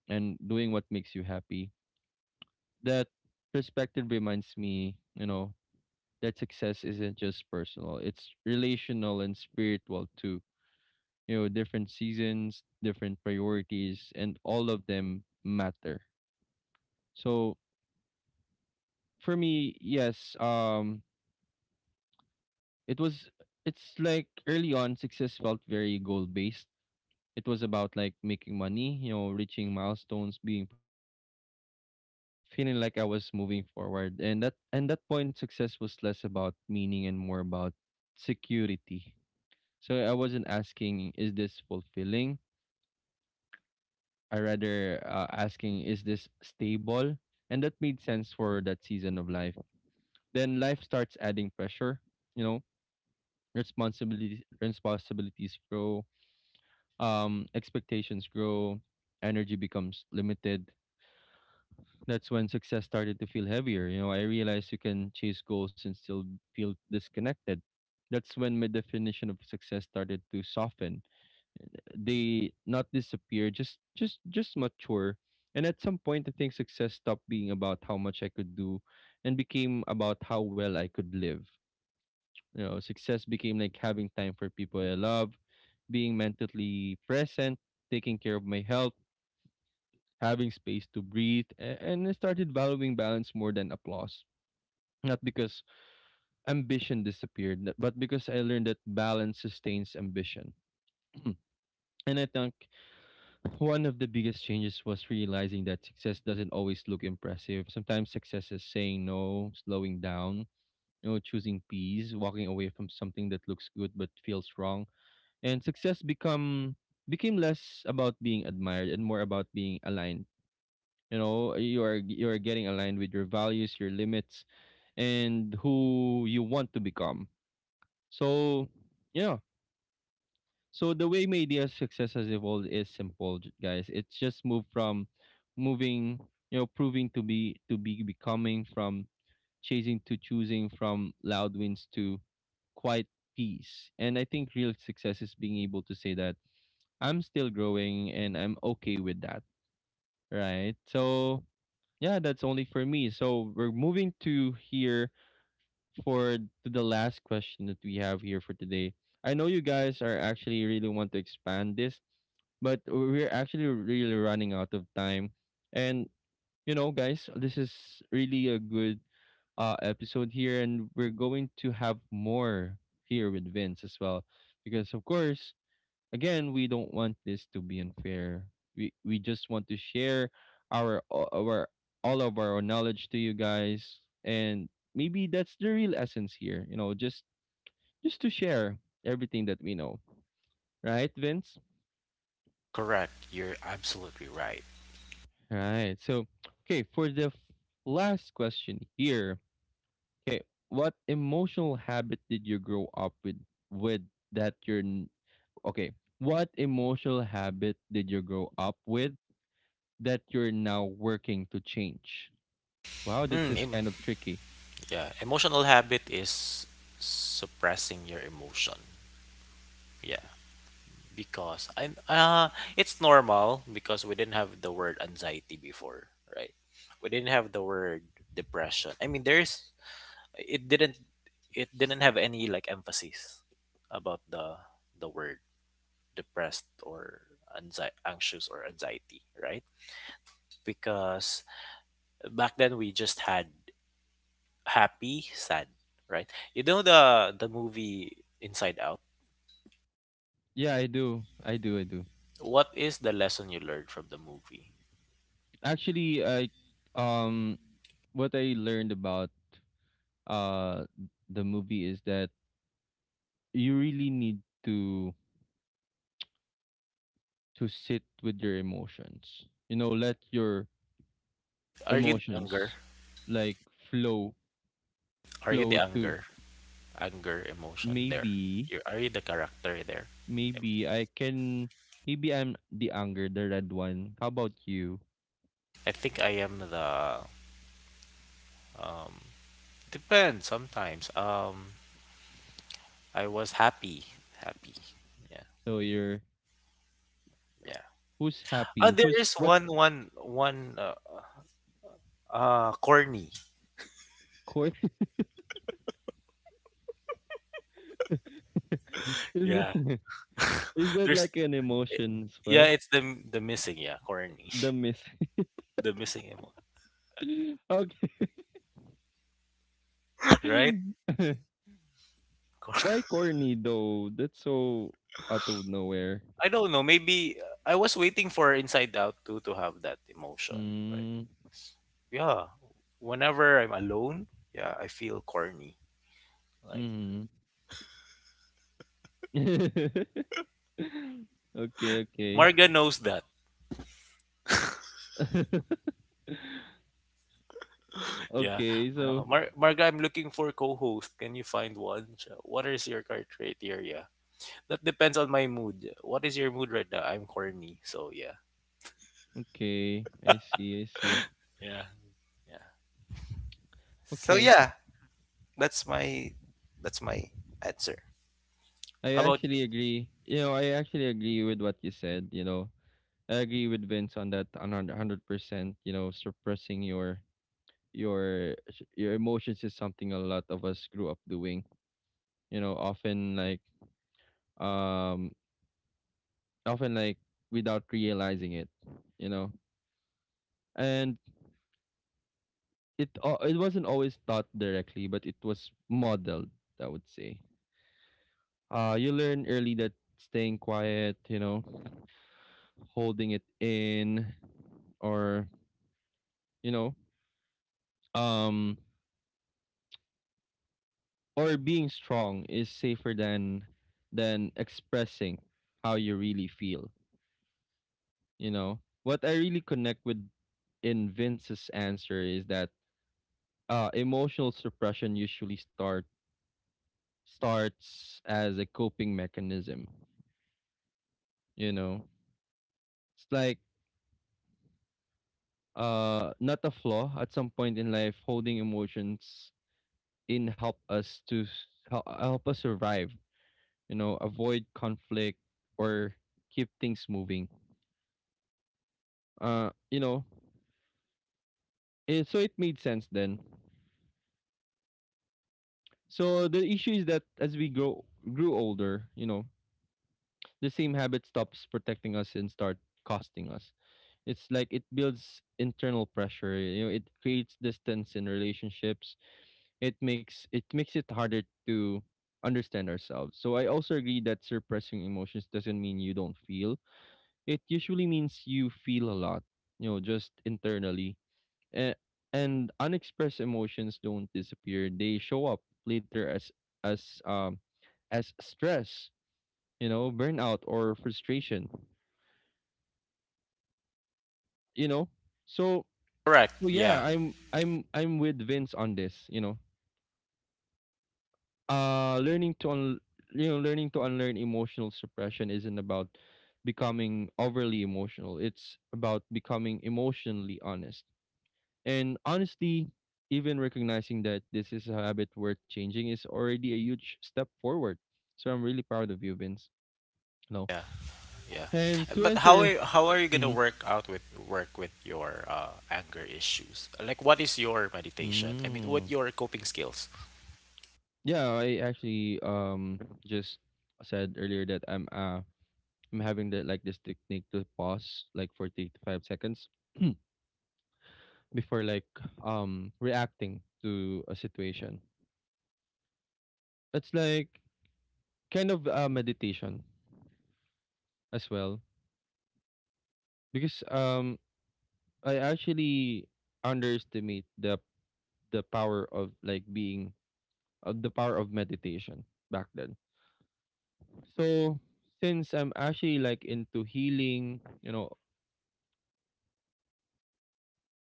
and doing what makes you happy, that perspective reminds me, you know, that success isn't just personal, it's relational and spiritual too. You know, different seasons, different priorities, and all of them matter. So for me, yes, um, it was, it's like early on, success felt very goal based. It was about like making money, you know, reaching milestones, being productive, feeling like I was moving forward. And that and that point success was less about meaning and more about security. So I wasn't asking, is this fulfilling? I rather, uh, asking, is this stable? And that made sense for that season of life. Then life starts adding pressure, you know, responsibilities responsibilities grow, um expectations grow, energy becomes limited, that's when success started to feel heavier. You know, I realized you can chase goals and still feel disconnected. That's when my definition of success started to soften. They not disappear, just just just mature. And at some point I think success stopped being about how much I could do and became about how well I could live. You know, success became like having time for people I love, being mentally present, taking care of my health, having space to breathe, a- and I started valuing balance more than applause. Not because ambition disappeared, n- but because I learned that balance sustains ambition. And I think one of the biggest changes was realizing that success doesn't always look impressive. Sometimes success is saying no, slowing down, you know, choosing peace, walking away from something that looks good but feels wrong. And success become became less about being admired and more about being aligned. You know, you are you are getting aligned with your values, your limits, and who you want to become. So yeah. So the way media's success has evolved is simple, j- guys. It's just moved from moving, you know, proving to be to be becoming, from chasing to choosing, from loud wins to quiet peace. And I think real success is being able to say that I'm still growing and I'm okay with that. Right. So yeah, that's only for me. So we're moving to here for to the last question that we have here for today. I know you guys are actually really want to expand this, but we're actually really running out of time. And you know, guys, this is really a good uh episode here, and we're going to have more here with Vince as well, because of course, again, we don't want this to be unfair. We we just want to share our our all of our knowledge to you guys, and maybe that's the real essence here, you know, just just to share everything that we know. Right, Vince? Correct. You're absolutely right. Right. So, okay, for the f- last question here. Okay, what emotional habit did you grow up with with that you're n- okay, what emotional habit did you grow up with that you're now working to change? Wow, this Mm, is em- kind of tricky. yeah, emotional habit is suppressing your emotion. Yeah, because I uh it's normal because we didn't have the word anxiety before, right? We didn't have the word depression. I mean, there's it didn't it didn't have any like emphasis about the the word depressed or anxi- anxious or anxiety, right? Because back then we just had happy sad, right? You know the the movie Inside Out, Yeah, I do. I do. I do. what is the lesson you learned from the movie? Actually, I, um what I learned about uh the movie is that you really need to to sit with your emotions. You know, let your Are you the anger? emotions like flow are you the flow to anger anger emotion there? maybe. You are you the character there? Maybe I can, maybe I'm the anger, the red one. How about you? I think I am the, um, depends sometimes. Um, I was happy, happy. Yeah, So you're, yeah. who's Oh, happy? there Who's is one, what's one, one. Uh, uh corny. core? Is Yeah, that, is that there's, like an eh, emotion as yeah, well? it's the the missing. Yeah, corny. The miss. The missing emo, Okay. right? Why Cor- corny though? That's so out of nowhere. I don't know. Maybe uh, I was waiting for Inside Out too to have that emotion, right? Mm, Yeah. Whenever I'm alone, yeah, I feel corny. Like mm. Okay, okay. Marga knows that. Yeah. Okay, Uh, so Mar- Marga, I'm looking for co-host. Can you find one? Siya, what is your criteria? That depends on my mood. What is your mood right now? I'm corny, so yeah, okay, I see, I see. yeah, yeah. So Okay. yeah, that's my that's my answer. I How about you? actually agree. You know, I actually agree with what you said, you know. I agree with Vince on that on one hundred percent, you know, suppressing your your s- your emotions is something a lot of us grew up doing, you know, often like um often like without realizing it, you know. And it al- it wasn't always taught directly, but it was modeled, I would say. Uh you learn early that staying quiet, you know, holding it in, or you know um or being strong is safer than than expressing how you really feel. You know, what I really connect with in Vince's answer is that uh emotional suppression usually start starts as a coping mechanism, you know. It's like, uh not a flaw. At some point in life, holding emotions in help us to s- hel- help us survive, you know, avoid conflict or keep things moving. Uh, you know, it, so it made sense then. So the issue is that as we grow grew older, you know, the same habit stops protecting us and start costing us. It's like it builds internal pressure. You know, it creates distance in relationships. It makes it makes it harder to understand ourselves. So I also agree that suppressing emotions doesn't mean you don't feel. It usually means you feel a lot, you know, just internally. And, and unexpressed emotions don't disappear. They show up later as as um as stress, you know, burnout or frustration, you know. So Correct. so Yeah, yeah, I'm I'm I'm with Vince on this, you know. Uh learning to un- you know, learning to unlearn emotional suppression isn't about becoming overly emotional. It's about becoming emotionally honest. And honestly, even recognizing that this is a habit worth changing is already a huge step forward. So I'm really proud of you, Vince. No. yeah, yeah. And to But how answer, are how are you gonna mhm, work out with work with your uh, anger issues? Like, what is your meditation? I mean, what mm, your coping skills? yeah, I actually um just said earlier that I'm uh I'm having that like this technique to pause like for three to five seconds before like um reacting to a situation. It's like kind of, uh, meditation as well, because um I actually underestimate the the power of like being of the power of meditation back then. So since I'm actually like into healing, you know,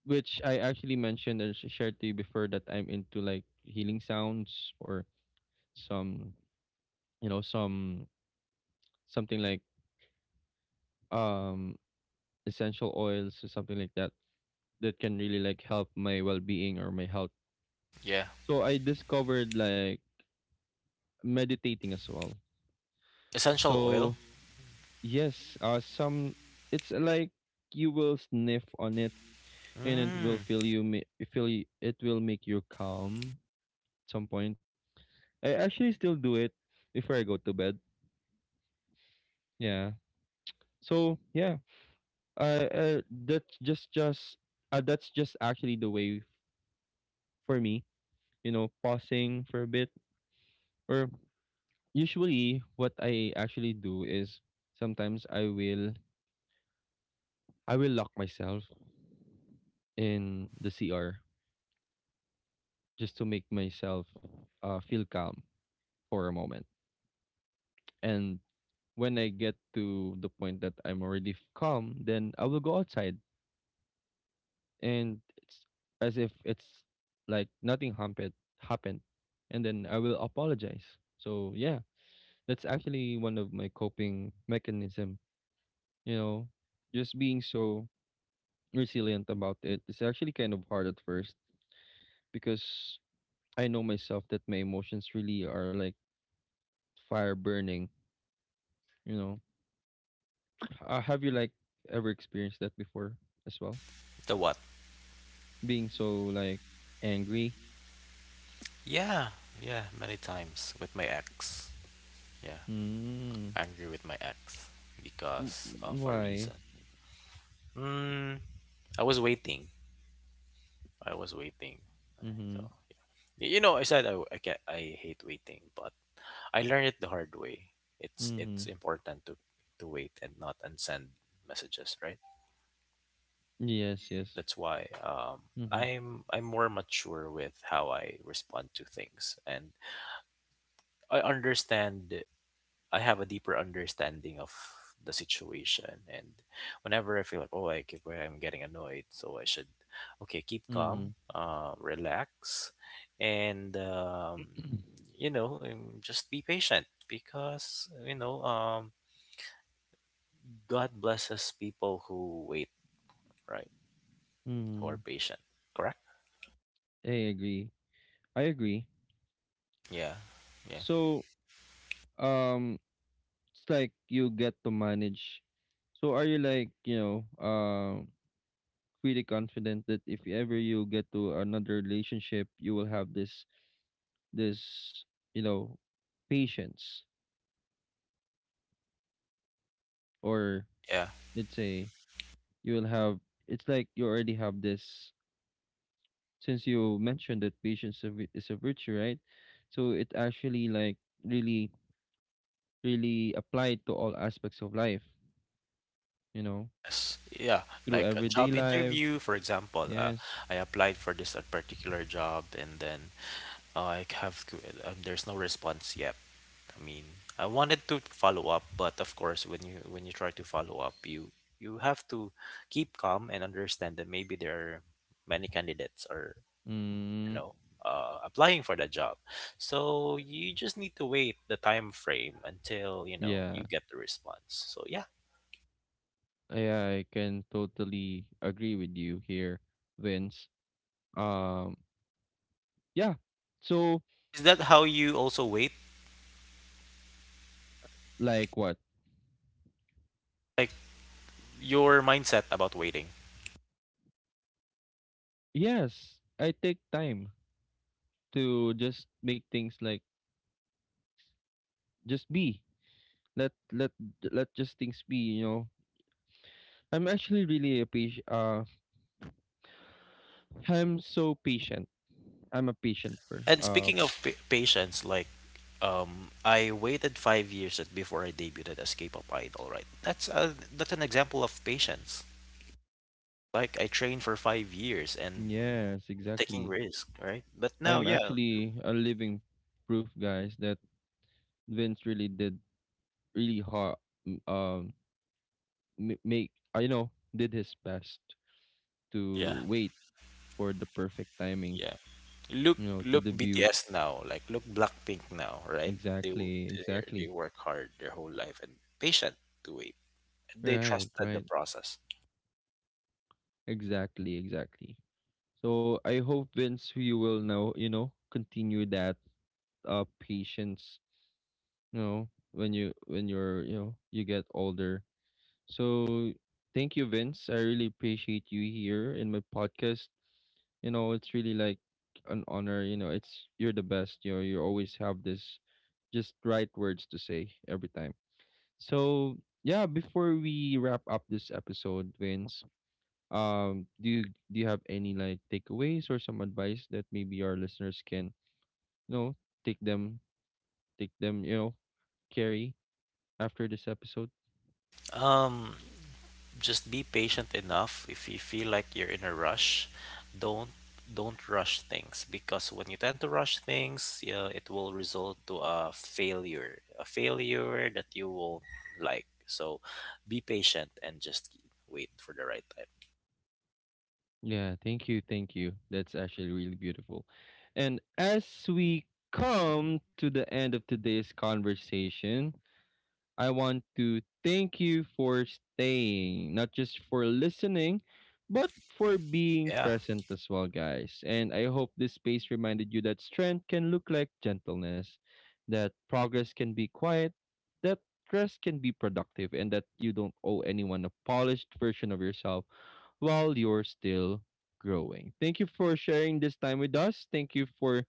which I actually mentioned and sh- shared to you before, that I'm into like healing sounds or some, you know, some something like, um essential oils or something like that that can really like help my well-being or my health. Yeah, So I discovered like meditating as well. essential oil. So yes, uh, some, it's like you will sniff on it and it will Mm, feel you ma- feel you, it will make you calm at some point. I actually still do it before I go to bed. Yeah. So yeah, uh, uh that's just just uh, that's just actually the way for me. You know, pausing for a bit. Or usually, what I actually do is sometimes I will I will lock myself in the C R just to make myself, uh, feel calm for a moment. And when I get to the point that I'm already f- calm, then I will go outside, and it's as if it's like nothing happened, happened, and then I will apologize. So yeah, that's actually one of my coping mechanism. You know, just being so resilient about. It's actually kind of hard at first because I know myself that my emotions really are like fire burning. You know, Uh, have you like ever experienced that before as well? the what? Being so like angry? Yeah, yeah, many times with my ex. Yeah, Mm. angry with my ex w- because of a Why? reason. Mm, I was waiting. I was waiting. Mm-hmm. So y- you know, I said I w- I can I hate waiting, but I learned it the hard way. It's Mm-hmm. it's important to to wait and not and send messages, right? Yes, yes. That's why um Mm-hmm. I'm I'm more mature with how I respond to things. And I understand I have a deeper understanding of the situation. And whenever I feel like, oh, I keep, I'm getting annoyed, so I should, okay, keep Mm-hmm. calm, uh, relax, and, um, you know, um, just be patient because, you know, um, God blesses people who wait, right? Who Mm-hmm. are patient, correct? I agree. I agree. Yeah, yeah, So, um, it's like you get to manage. So are you like, you know, um pretty confident that if ever you get to another relationship, you will have this this, you know, patience, or yeah. let's say you will have, it's like you already have this. Since you mentioned that patience is a vi- is a virtue, right? So it actually like really really applied to all aspects of life, you know, Yes, yeah. through Like a job everyday life. interview, for example. Uh, yes. I applied for this uh, particular job, and then I have to, um, there's no response yet. I mean, I wanted to follow up, but of course, when you when you try to follow up, you you have to keep calm and understand that maybe there are many candidates or you Mm, know uh, applying for the job. So you just need to wait the time frame until you know you yeah. get the response. So yeah, Yeah, I can totally agree with you here, Vince. um yeah, so is that how you also wait? like what? Like your mindset about waiting? Yes, I take time to just make things like just be, let let let just things be, you know. I'm actually really a patient, uh I'm so patient, I'm a patient person, And uh speaking of pa- patience, like um, I waited five years at- before I debuted as K-pop idol. Right, that's a, that's an example of patience. Like I trained for five years and yes, taking exactly. risk. Right, but now, I'm yeah, actually a living proof, guys, that Vince really did really hard, m- um m- make uh, you know, did his best yeah, to wait for the perfect timing. yeah. Look, You know, the look debut, B T S now. Like look Blackpink now. Right, they w- exactly, they they exactly. work hard their whole life and patient to wait. They Right, trusted the right, process. exactly, exactly. So I hope, Vince, you will know, you know, continue that uh patience, you know, when you when you're, you know, you get older. So thank you, Vince. I really appreciate you here in my podcast. You know, it's really like an honor, you know, it's you're the best, you know, you always have this just right words to say every time. So yeah, before we wrap up this episode, Vince, um do you do you have any like takeaways or some advice that maybe our listeners can, you know, take them take them you know carry after this episode? Um, just be patient enough if you feel like you're in a rush, don't don't rush things because when you tend to rush things, yeah, it will result to a failure, a failure that you won't like. So be patient and just wait for the right time. Yeah, thank you, thank you, that's actually really beautiful. And as we come to the end of today's conversation, I want to thank you for staying, not just for listening, but for being Yeah, present as well, guys. And I hope this space reminded you that strength can look like gentleness, that progress can be quiet, that rest can be productive, and that you don't owe anyone a polished version of yourself while you're still growing. Thank you for sharing this time with us. Thank you for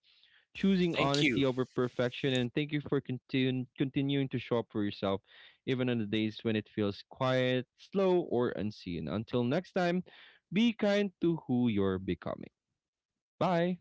choosing thank you. honesty over perfection, and thank you for continu- continuing to show up for yourself, even on the days when it feels quiet, slow, or unseen. Until next time, be kind to who you're becoming. Bye.